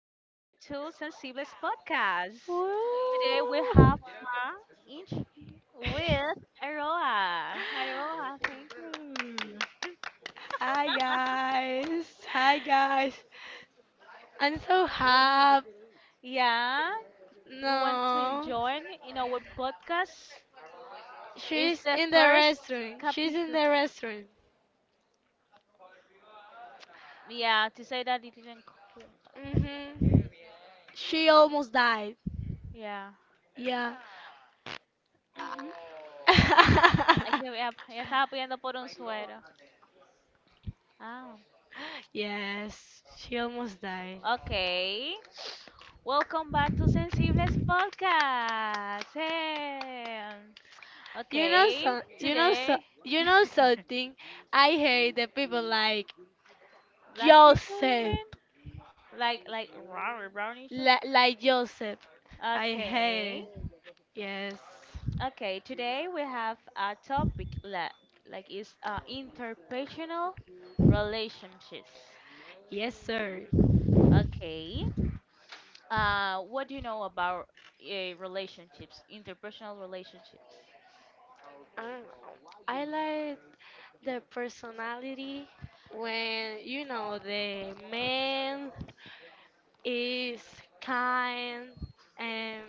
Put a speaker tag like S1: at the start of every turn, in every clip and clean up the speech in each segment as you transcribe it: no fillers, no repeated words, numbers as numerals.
S1: to Sensibles Podcast. Today we have
S2: Woo.
S1: fun each with Aroa. Aroa, thank you.
S2: Hi guys. Hi guys. I'm so happy.
S1: Yeah, you want to
S2: No.
S1: join in our podcast? It's
S2: She's
S1: the
S2: in the
S1: first
S2: restaurant. She's in
S1: capture.
S2: the restaurant.
S1: Yeah, to say that it didn't come back, pero-
S2: hmm She almost died.
S1: Yeah.
S2: Yeah.
S1: Hay que ver, ya estaba pidiendo por un suero. Ah,
S2: Yes. She almost died.
S1: ok. Welcome back to Sensibles Podcast. Hey.
S2: You know
S1: Okay,
S2: so you know so
S1: today
S2: you know something. I hate the people like
S1: black people, you
S2: Joseph.
S1: mean? Like raw brownish.
S2: Like Joseph. I hate
S1: Okay.
S2: it. Yes.
S1: Okay, today we have a topic like is interpersonal relationships.
S2: Yes, sir.
S1: Okay. What do you know about relationships, interpersonal relationships?
S2: Um, I like the personality when you know the man is kind and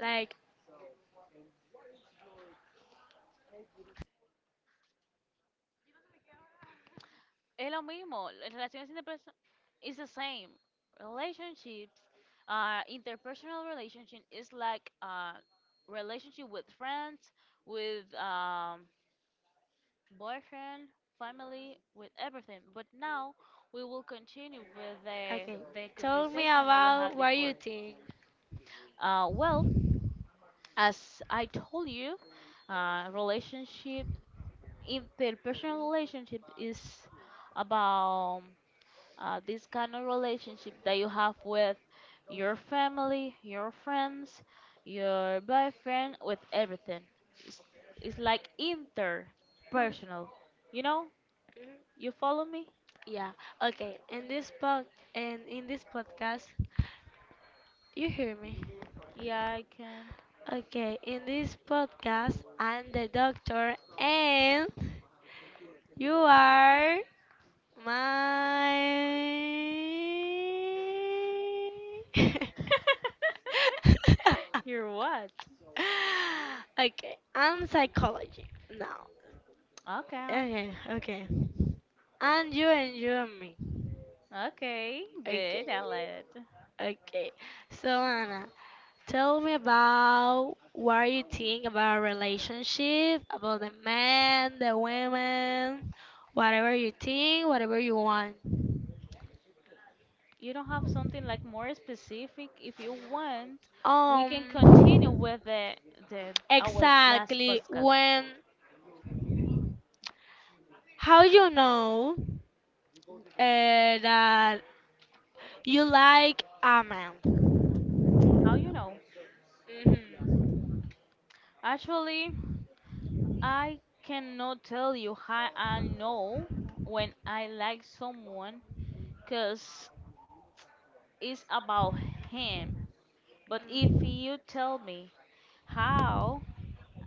S2: like
S1: Es lo mismo, relaciones interpersonales it's the same. Relationships, interpersonal relationship is like relationship with friends, with boyfriend, family, with everything. But now we will continue with the
S2: okay.
S1: the
S2: Tell me
S1: conversation that we
S2: about
S1: had
S2: what you
S1: before.
S2: think.
S1: Well, as I told you, relationship, interpersonal relationship is about this kind of relationship that you have with your family, your friends, your boyfriend, with everything. It's, it's like interpersonal. You know?
S2: Mhm.
S1: You follow me?
S2: Yeah. Okay. In this podcast, you hear me.
S1: Yeah, I can.
S2: Okay. In this podcast, I'm the doctor and you are my.
S1: You're what?
S2: Okay, I'm psychology now.
S1: Okay.
S2: Okay, okay. And you and me.
S1: Okay,
S2: Okay,
S1: good. I like it.
S2: okay. So, Anna, tell me about what you think about relationship, about the man, the women, whatever you think, whatever you want.
S1: You don't have something like more specific. If you want, we can
S2: Um,
S1: continue with the our last
S2: Exactly.
S1: podcast.
S2: When how you know that you like a man?
S1: How you know?
S2: Mhm.
S1: Actually, I cannot tell you how I know when I like someone because it's about him. But if
S2: Mm.
S1: you tell me how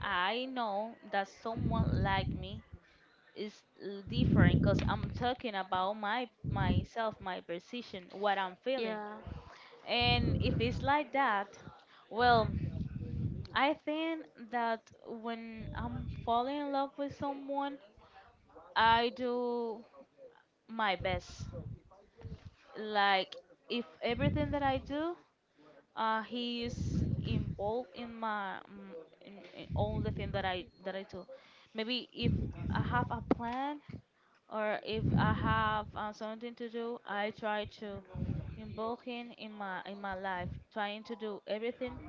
S1: I know that someone like me is different because I'm talking about my myself, my precision, what I'm feeling.
S2: Yeah.
S1: And if it's like that, well, I think that when I'm falling in love with someone, I do my best. Like if everything that I do, he is involved in my in all the thing that I do. Maybe if I have a plan or if I have something to do, I try to involve him in my life, trying to do everything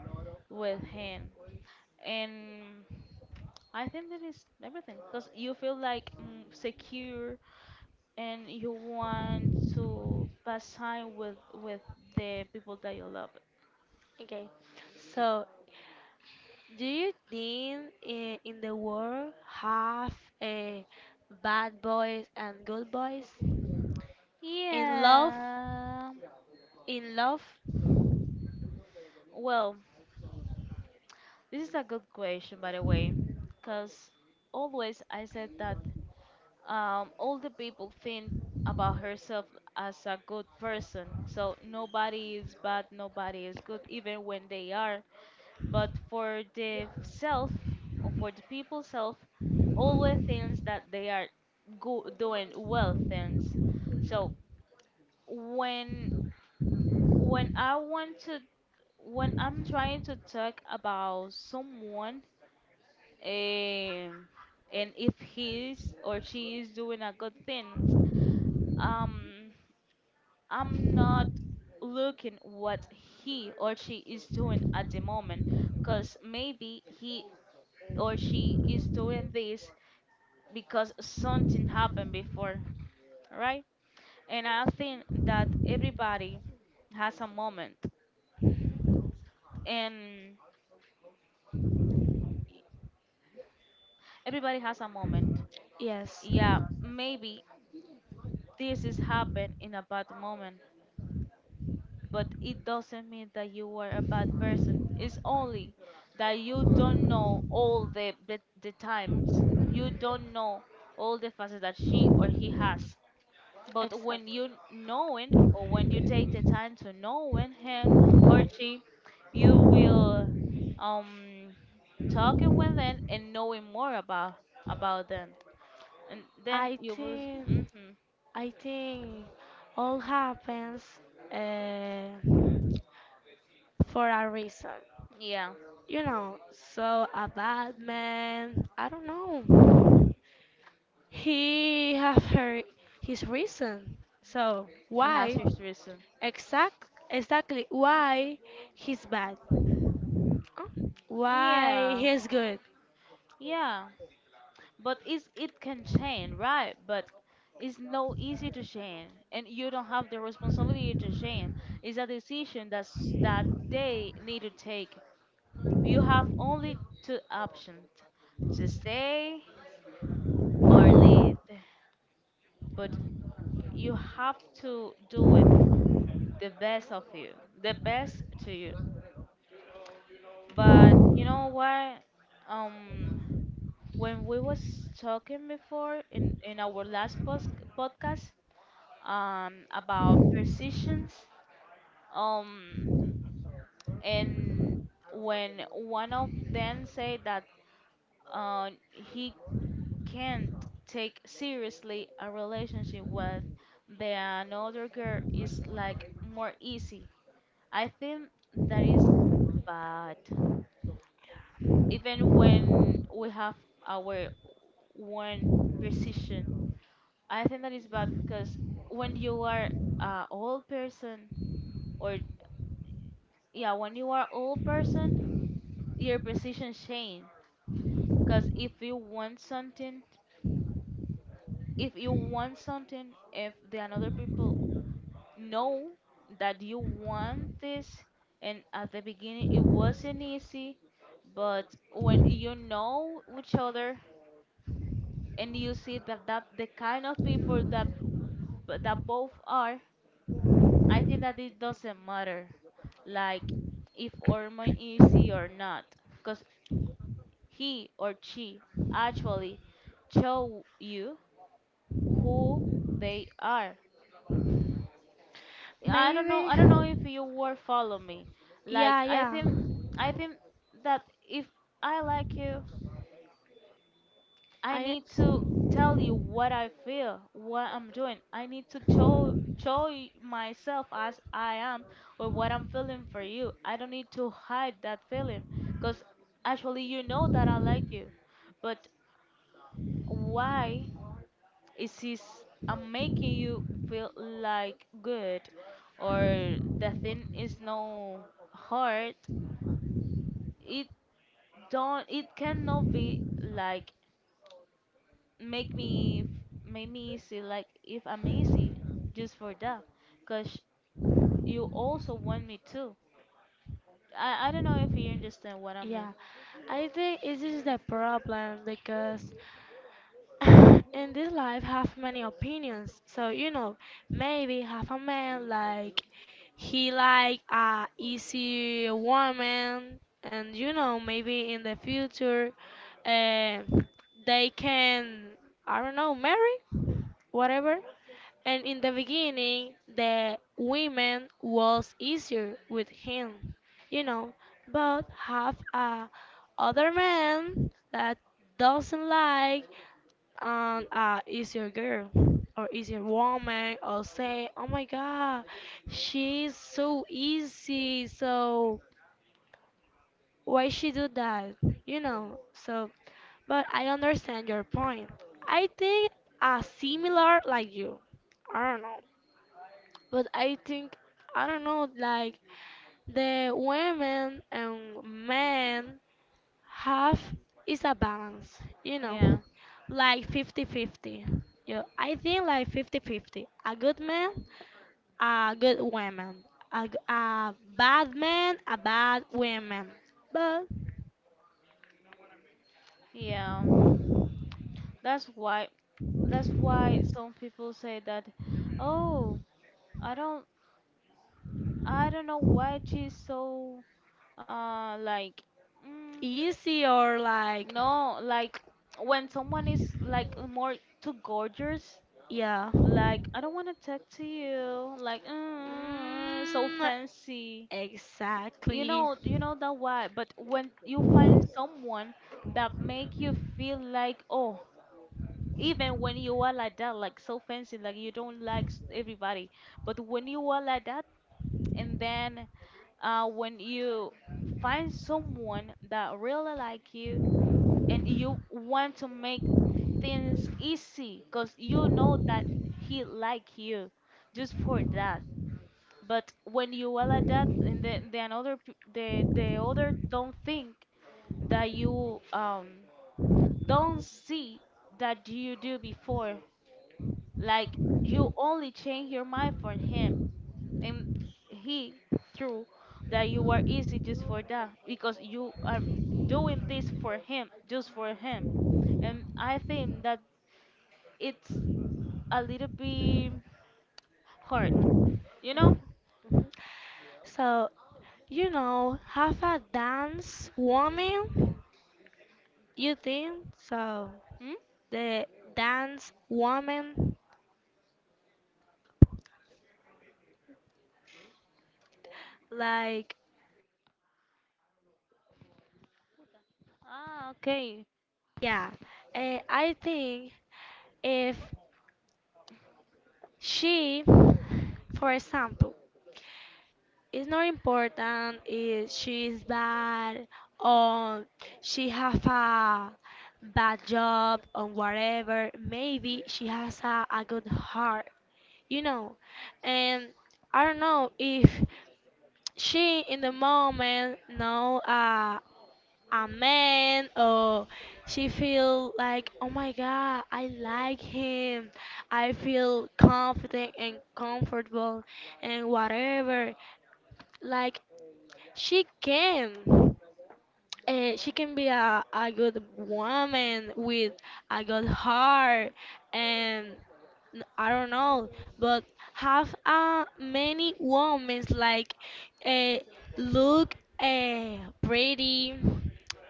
S1: with him. And I think that is everything because you feel like secure and you want to pass time with the people that you love?
S2: Okay. So, do you think in the world have uh, bad boys and good boys? In love?
S1: Yeah.
S2: In love?
S1: Well, this is a good question, by the way, because always I said that all the people think about herself as a good person. So nobody is bad, nobody is good, even when they are. But for the self or for the people self always thinks that they are doing well things so when when I want to when I'm trying to talk about someone um, and if he's or she is doing a good thing um I'm not looking what he or she is doing at the moment because maybe he or she is doing this because something happened before, right? And I think that everybody has a moment, and everybody has a moment.
S2: Yes.
S1: Yeah, maybe this is happened in a bad moment, but it doesn't mean that you were a bad person. It's only that you don't know all the times. You don't know all the faces that she or he has. But when
S2: Exactly.
S1: you knowing or when you take the time to knowing him or she, you will um talking with them and knowing more about them, and then
S2: I
S1: you will.
S2: think
S1: Mm-hmm,
S2: I think all happens uh, for a reason.
S1: yeah,
S2: You know, so a bad man, I don't know. He have her his reason. So
S1: he has
S2: why
S1: his reason.
S2: exact exactly why he's bad? Oh, why
S1: Yeah,
S2: he's good?
S1: yeah, but it's it can change, right? But it's no easy to change, and you don't have the responsibility to change. It's a decision that they need to take. You have only two options to stay or leave, but you have to do it the best of you, the best to you. But you know what? Um, when we was talking before in our last post podcast, about positions, um, and when one of them said that, he can't take seriously a relationship with the another girl is like more easy. I think that is bad. Even when we have our one precision, I think that is bad because when you are a old person or yeah, when you are old person, your precision change. Because if you want something, if you want something, if the another people know that you want this and at the beginning it wasn't easy but when you know each other and you see that the kind of people that but that both are I think that it doesn't matter like if hormone easy or not because he or she actually show you who they are. I don't know.
S2: Maybe.
S1: I don't know if you were follow me. Like
S2: Yeah, yeah.
S1: I think that if I like you, I
S2: I.
S1: need to tell you what I feel, what I'm doing. I need to myself as I am or what I'm feeling for you. I don't need to hide that feeling, cause actually you know that I like you, but why? Is this I'm making you feel like good or the thing is no hard? It don't. It cannot be like make me f- make me easy. Like if I'm easy, just for that, cause you also want me too. I don't know if you understand what I
S2: Yeah,
S1: mean.
S2: I think it is the problem because in this life have many opinions, so you know, maybe have a man like he like a easy woman, and you know maybe in the future, uh, they can, I don't know, marry, whatever, and in the beginning the women was easier with him, you know, but have a other man that doesn't like and easier girl or easier woman or say, oh my god, she's so easy, so why she do that, you know. So but I understand your point. I think similar like you, I don't know, but I think, I don't know, like the women and men half is a balance, you know,
S1: Yeah,
S2: like 50-50. Yeah, I think like 50-50. A good man, a good woman. A bad man, a bad woman. But
S1: yeah. That's why. That's why some people say that. Oh, I don't. I don't know why she's so like, mm,
S2: easy or like,
S1: no, like when someone is like more too gorgeous,
S2: yeah.
S1: like I don't want to talk to you, like so
S2: Mm,
S1: fancy.
S2: exactly.
S1: You know that why. But when you find
S2: Mhm.
S1: someone that make you feel like, oh, even when you are like that, like so fancy, like you don't like everybody. But when you are like that, and then when you find someone that really like you and you want to make things easy because you know that he like you just for that but when you are like that and then the another the other don't think that you don't see that you do before like you only change your mind for him and he through that you are easy just for that because you are doing this for him just for him and I think that it's a little bit hard, you know?
S2: So, you know, half a dance woman, you think? So,
S1: Mm?
S2: the dance woman like
S1: Ah, okay.
S2: yeah, I think if she for example it's not important if she is bad or she have a bad job or whatever, maybe she has a good heart, you know, and I don't know if she in the moment know a man or she feel like, oh my god, I like him, I feel confident and comfortable and whatever, like she can, she can be a good woman with a good heart, and I don't know, but have many women like uh, look pretty,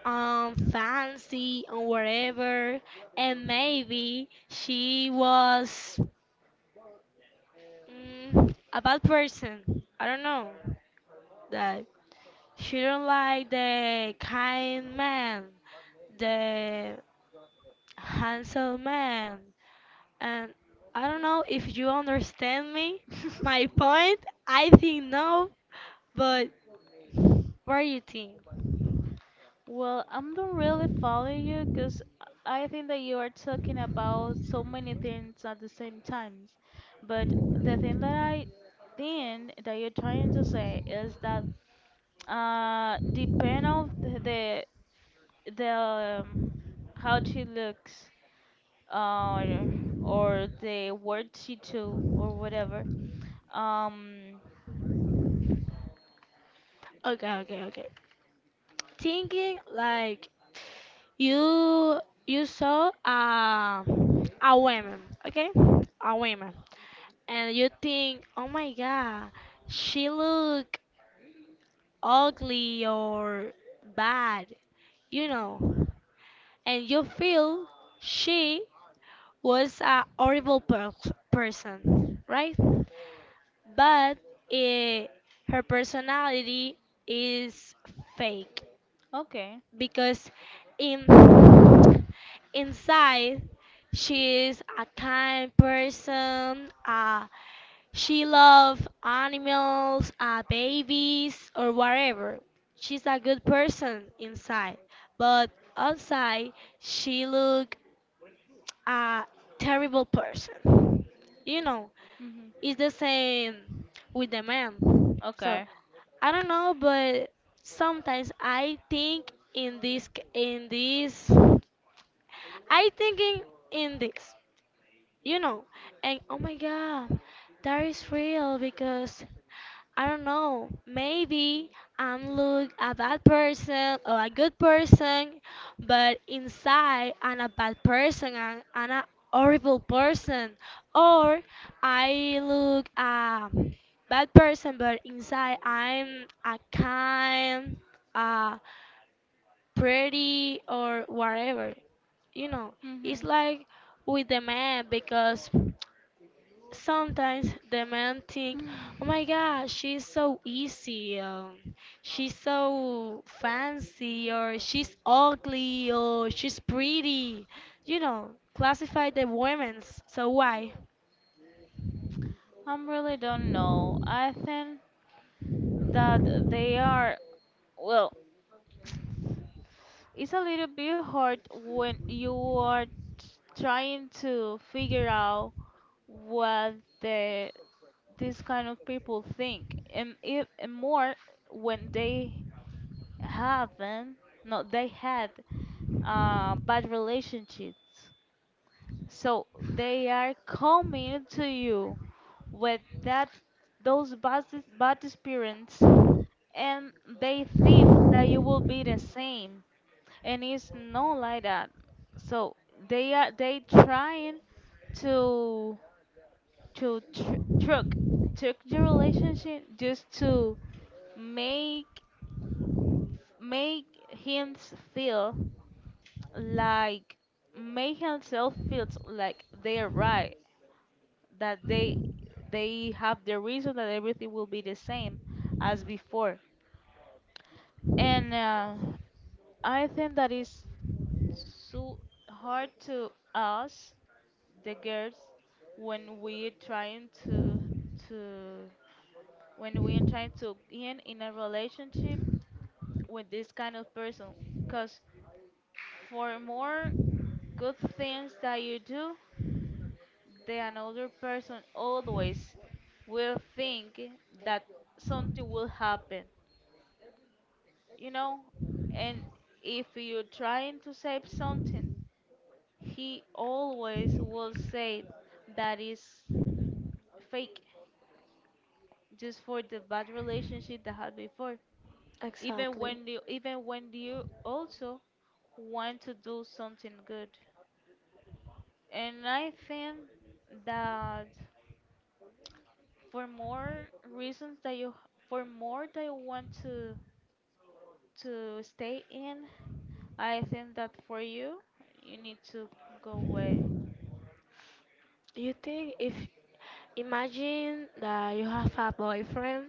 S2: fancy, or whatever, and maybe she was a bad person. I don't know that she don't like the kind man, the handsome man. And I don't know if you understand me, my point. I think no, but what do you think?
S1: Well, I'm not really following you because I think that you are talking about so many things at the same times. But the thing that I think that you're trying to say is that depend of the um, how she looks or the word she do or whatever. Um,
S2: Okay, okay, okay. Thinking like you you saw a woman, okay? A woman. And you think, "Oh my god, she look ugly or bad." You know. And you feel she was a horrible person, right? But eh, her personality is fake
S1: okay.
S2: because in inside she is a kind person. She loves animals, babies, or whatever. She's a good person inside, but outside she look a terrible person. You know,
S1: Mhm.
S2: it's the same with the man. So
S1: Okay.
S2: I don't know, but sometimes I think in this, I think in this, you know, and oh my god that is real because I don't know, maybe I'm look a bad person or a good person, but inside I'm a bad person and I'm a horrible person, or I look a bad person but inside I'm a kind, uh pretty or whatever, you know. It's
S1: Mhm.
S2: like with the man because sometimes the men think, oh my god, she's so easy, she's so fancy, or she's ugly, or she's pretty. You know, classify the women's. So why?
S1: I am really don't know. I think that they are well. It's a little bit hard when you are trying to figure out what the these kind of people think, and if and more when they haven't no they had bad relationships. So they are coming to you with that those bad experience and they think that you will be the same and it's not like that so they trying to to tr- trick trick the relationship just to make make him feel like make himself feel like they're right that they have the reason that everything will be the same as before and I think that is so hard to us, the girls, when we're trying to to in a relationship with this kind of person, because for more good things that you do, the another person always will think that something will happen, you know, and if you're trying to save something he always will say that is fake just for the bad relationship that had before. Even
S2: Exactly.
S1: when you also want to do something good. And I think that for more reasons that you for more that you want to stay in, I think that for you you need to go away.
S2: You think if imagine that you have a boyfriend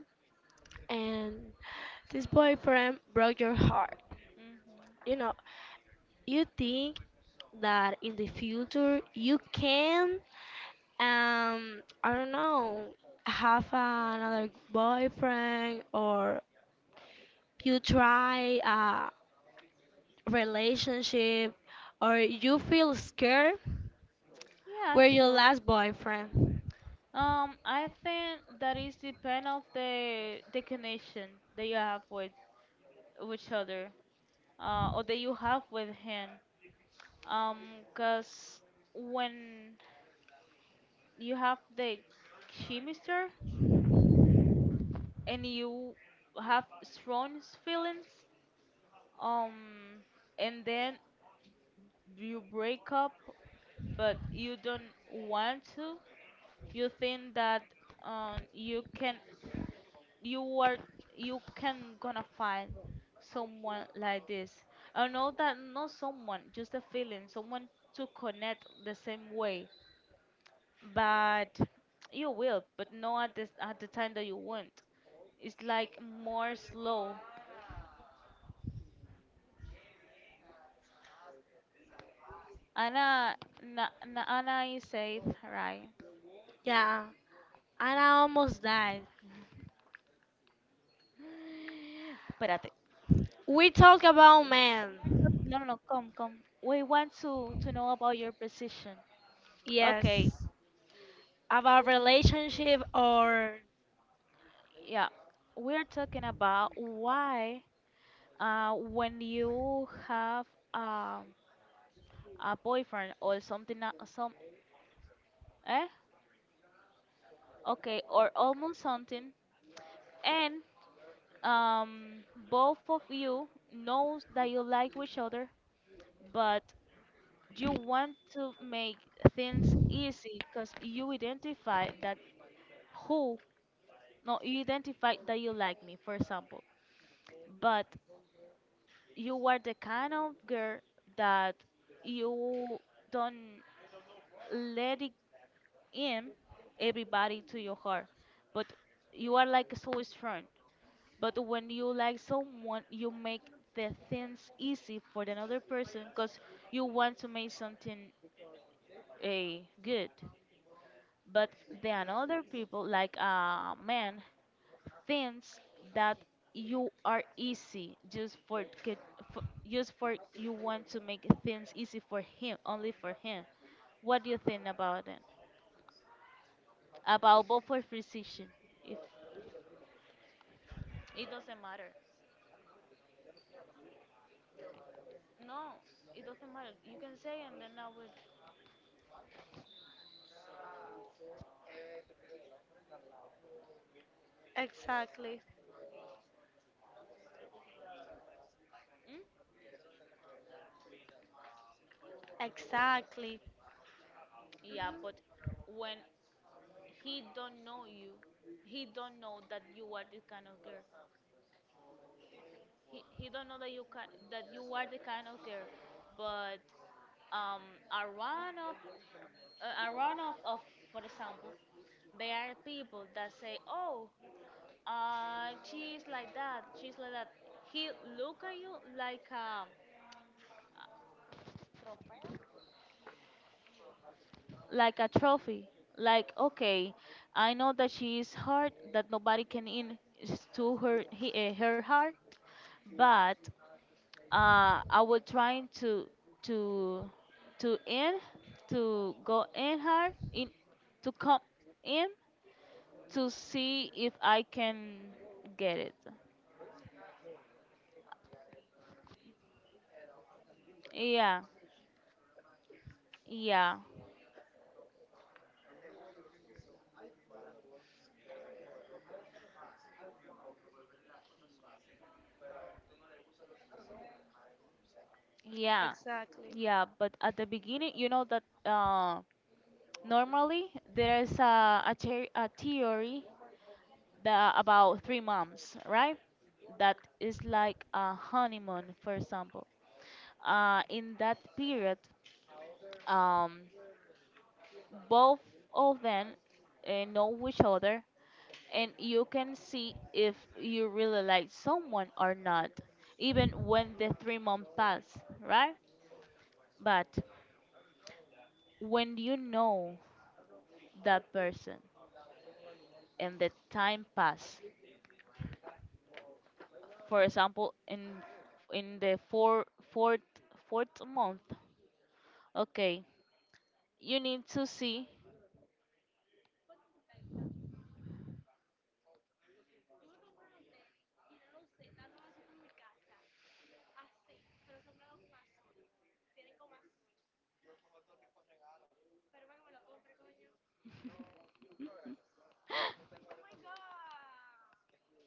S2: and this boyfriend broke your heart. You
S1: Hmm.
S2: know, you think that in the future you can, I don't know, have another boyfriend or you try relationship or you feel scared
S1: Yeah,
S2: were your
S1: sure.
S2: last boyfriend.
S1: I think that is depend of the connection that you have with each other, or that you have with him. Cause when you have the chemistry and you have strong feelings, um, and then you break up, but you don't want to, you think that um you can you are you can gonna find someone like this. I know that not someone just a feeling someone to connect the same way but you will but not at this at the time that you want. It's like more slow. Ana na, ana is safe, right?
S2: Yeah, and I almost died.
S1: Espérate.
S2: We talk about men.
S1: No, no, no. Come, come. We want to know about your position. Okay.
S2: Yes, about relationship or
S1: Yeah. We're talking about why when you have um, a boyfriend or something, some, eh? Okay, or almost something, and um, both of you knows that you like each other, but you want to make things easy because you identify that who, no, you identify that you like me, for example, but you are the kind of girl that you don't let in everybody to your heart. But you are like so strong. But when you like someone, you make the things easy for another person because you want to make something a good. But the another people, like a man, thinks that you are easy just for, for just for you want to make things easy for him, only for him. What do you think about it? About both for physician, if it doesn't matter. No, it doesn't matter. You can say and then I would.
S2: exactly.
S1: Mm?
S2: Exactly.
S1: Yeah, but when he don't know you, he don't know that you are this kind of girl. He don't know that you can, that you are the kind of girl. But around of around of for example, there are people that say, oh, she's like that, she's like that. He look at you like a trophy. Like, okay, I know that she is hard, that nobody can in is to her he, her heart, but I was trying to to to in to go in her in to come in to see if I can get it. Yeah, yeah, yeah,
S2: Exactly.
S1: yeah. But at the beginning, you know that normally there is a theory the about 3 months, right? That is like a honeymoon, for example. In that period, um, both of them know each other, and you can see if you really like someone or not, even when the 3 months pass, right? But when you know that person and the time pass, for example, in the fourth month. Okay, you need to see.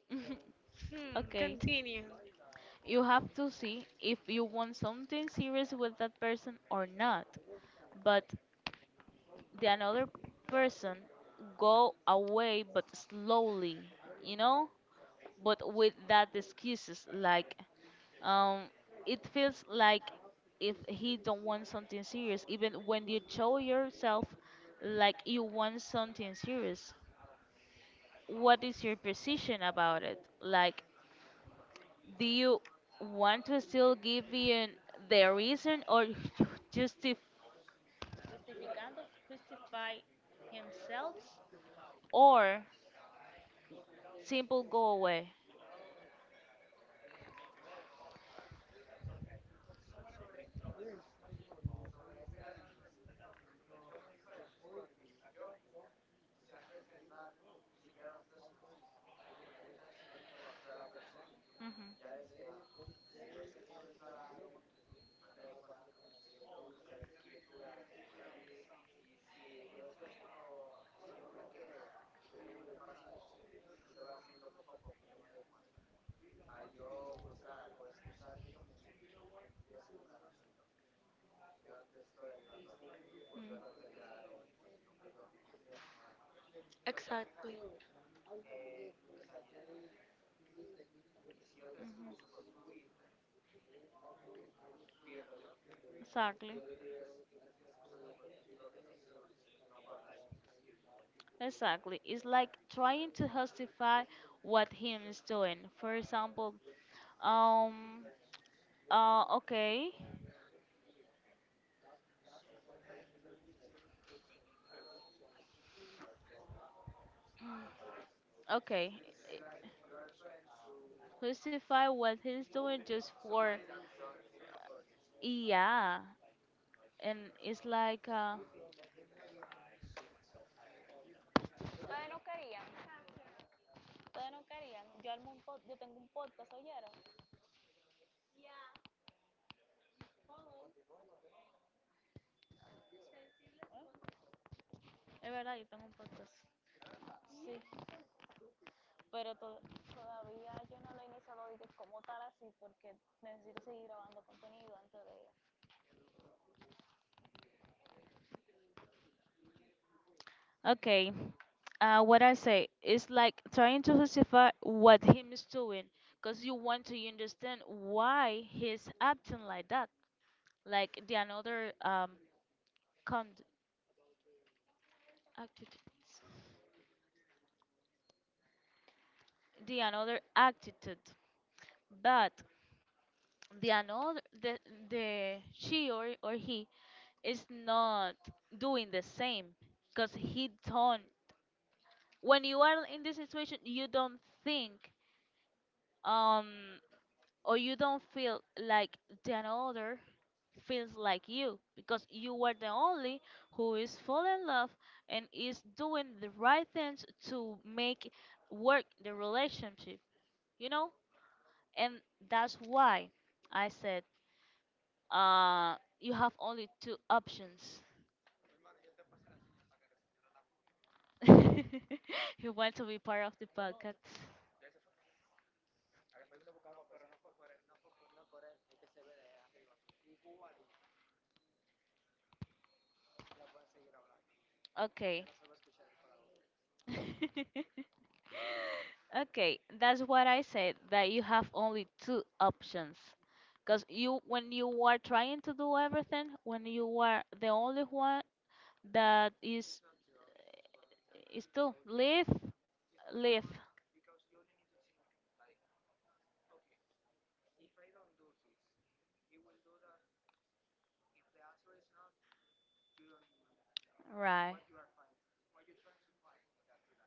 S2: Hmm,
S1: Okay,
S2: continue.
S1: you have to see if you want something serious with that person or not. But the another person go away, but slowly, you know, but with that excuses like, um, it feels like if he don't want something serious, even when you show yourself like you want something serious. What is your position about it? Like do you want to still give in the reason or justif- justificando justify himself or simple go away. Mhm, mm,
S2: Exactly.
S1: mhm. Exactly. Exactly. It's like trying to justify what him is doing. For example, um, okay, okay. Justify what he's doing just for yeah and it's like es verdad yo tengo un podcast sí pero to- todavía yo no lo he iniciado de que como tal así porque necesito seguir grabando contenido antes de okay. What I say is like trying to justify what him is doing because you want to understand why he's acting like that like the another con- attitude the another attitude but the another the she or he is not doing the same because he don't. When you are in this situation you don't think um or you don't feel like the another feels like you because you were the only who is fall in love and is doing the right things to make work the relationship, you know. And that's why I said uh, you have only two options. You want to be part of the podcast? Okay. Okay, that's what I said. That you have only two options. Cause you, when you are trying to do everything, when you are the only one that is to live, live, right?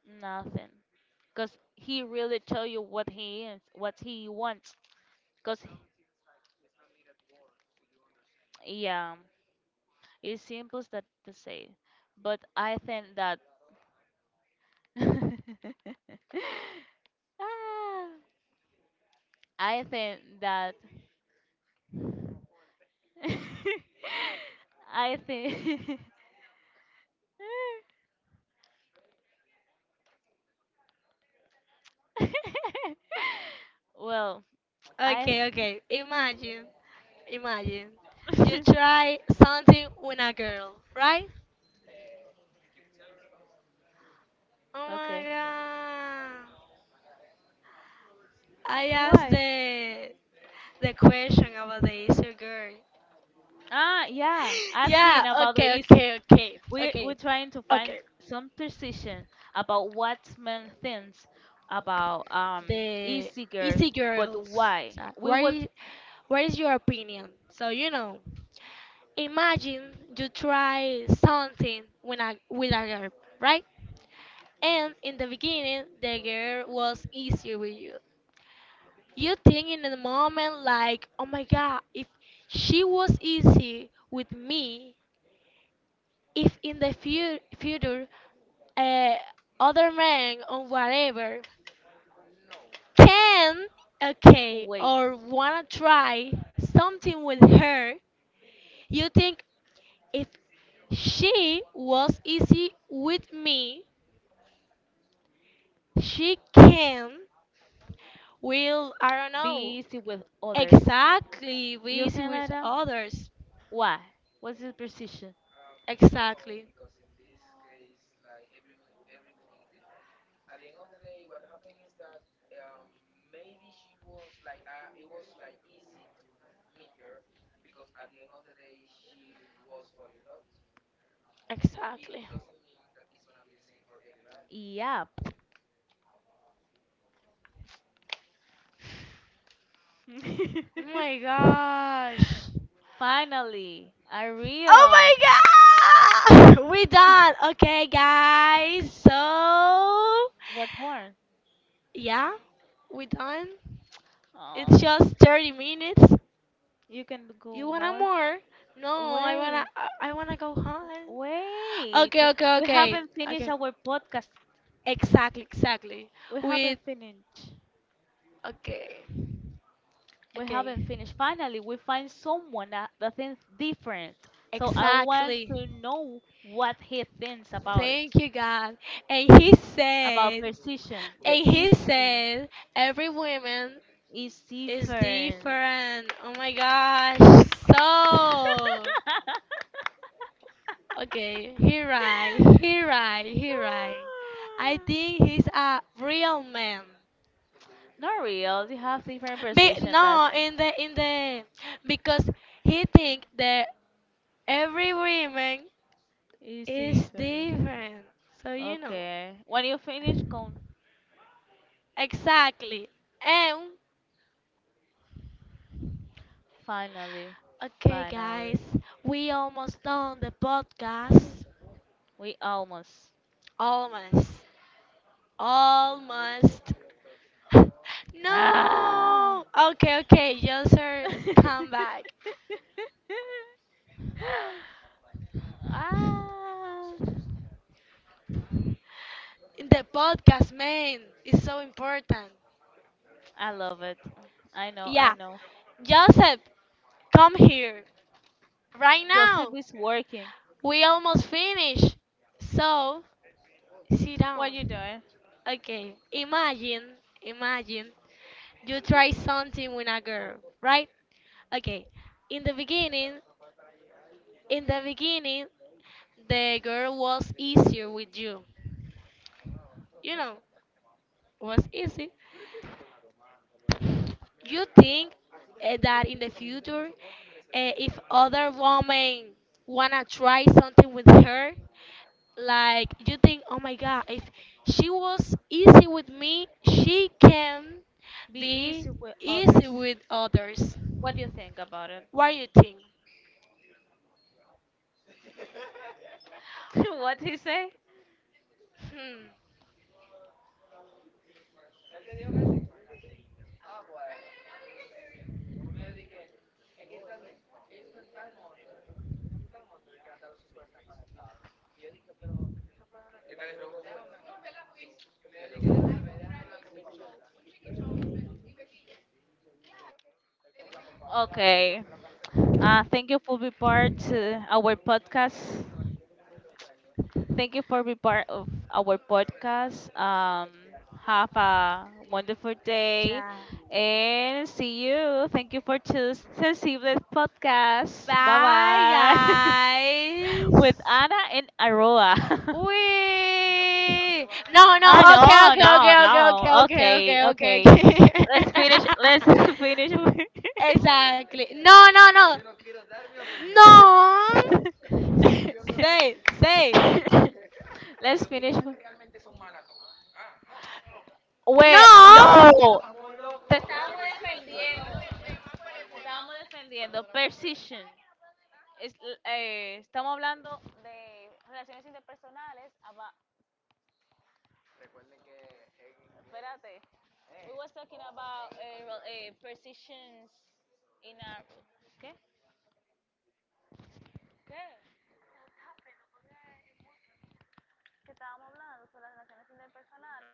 S1: Nothing. Cause he really tell you what he is, what he wants. Cause yeah, it's simple as that to say. But I think that ah, I think that I think well I
S2: Okay, okay. Imagine, imagine. You try something with a girl, right? Oh my
S1: okay
S2: god. I asked
S1: why
S2: the question about the Easter girl.
S1: ah yeah ask
S2: Yeah,
S1: him about
S2: okay,
S1: the.
S2: okay, okay, okay,
S1: We're trying to
S2: okay.
S1: find some precision about what men thinks about
S2: The
S1: e-cigarette,
S2: Easy
S1: but
S2: Girls.
S1: why?
S2: So,
S1: We
S2: what
S1: would
S2: is what is your opinion? So you know, imagine you try something with a girl, right? And in the beginning, the girl was easy with you. You think in the moment like, oh my god, if she was easy with me, if in the future, uh, other men or whatever can, okay,
S1: wait.
S2: or wanna try something with her, you think if she was easy with me, she can, will, I don't know,
S1: Be easy with others.
S2: exactly be
S1: You
S2: easy
S1: think
S2: with
S1: like that?
S2: others.
S1: Why? What's the precision?
S2: Exactly. Exactly.
S1: Yeah.
S2: Oh my gosh.
S1: Finally, a
S2: Oh my
S1: real.
S2: god! We done. Okay, guys. So,
S1: What horn?
S2: yeah, we done. It's
S1: Oh,
S2: just 30 minutes.
S1: you can
S2: You
S1: go
S2: wanna
S1: more.
S2: more? No, I wanna
S1: Wait,
S2: I wanna go home.
S1: wait.
S2: Okay, okay,
S1: We
S2: okay.
S1: haven't finished
S2: Okay.
S1: our podcast.
S2: Exactly, exactly.
S1: We
S2: With
S1: haven't finished.
S2: okay.
S1: We
S2: Okay.
S1: haven't finished. Finally, we find someone that, that thinks different. So I want
S2: Exactly.
S1: to know what he thinks about
S2: Thank
S1: it,
S2: you, God. And he
S1: about
S2: said
S1: precision, the
S2: and he
S1: easy,
S2: said, every woman
S1: is
S2: is
S1: different.
S2: different. Oh my gosh. So, okay, he right, he right, he right. I think he's a real man.
S1: Not real. They have different
S2: Be,
S1: precision.
S2: no,
S1: That's it.
S2: in the because he think that every woman
S1: It's
S2: is
S1: different.
S2: different. So you know.
S1: Okay. When you finish, come.
S2: Exactly. And
S1: Finally,
S2: okay guys,
S1: finally,
S2: we almost done the podcast.
S1: we almost.
S2: Almost. Almost.
S1: Ah!
S2: No! Okay, okay, Joser, come back.
S1: Ah,
S2: The podcast, man, is so important.
S1: I love it. I know, I
S2: Yeah,
S1: know.
S2: Joseph, come here. Right now.
S1: Joseph is working.
S2: We almost finished. So, sit down.
S1: What you doing?
S2: Okay, imagine, imagine you try something with a girl, right? Okay, in the beginning, in the
S1: Mm,
S2: beginning, the girl was easier with you. You know, was easy. You think that in the future, if other women wanna try something with her, like you think, oh my god, if she was easy with me, she can
S1: be
S2: be
S1: easy with
S2: easy
S1: others.
S2: with others.
S1: What do you think about it?
S2: What do you think?
S1: What he say?
S2: Hmm.
S1: Okay. Thank you for being part our podcast. Thank you for being part of our podcast. Have a wonderful day
S2: Yeah.
S1: and see you. Thank you for choosing Sensibles Podcast. Bye
S2: Bye,
S1: bye.
S2: guys.
S1: With Anna and Aroa.
S2: We. No,
S1: Ah,
S2: no. Okay,
S1: no,
S2: okay,
S1: no,
S2: okay, okay, okay,
S1: no. Okay,
S2: okay, okay,
S1: okay.
S2: okay,
S1: Let's finish.
S2: okay.
S1: Let's finish. With-
S2: Exactly. No, no, no. No. Say, say.
S1: let's finish. With- Güey,
S2: No.
S1: loco. Te estábamos, te estábamos defendiendo. Precision. Es- eh, estamos hablando de relaciones interpersonales. Espérate. We was talking about eh, eh, precisions in a... ¿Qué? ¿Qué? Que estábamos hablando sobre las relaciones interpersonales.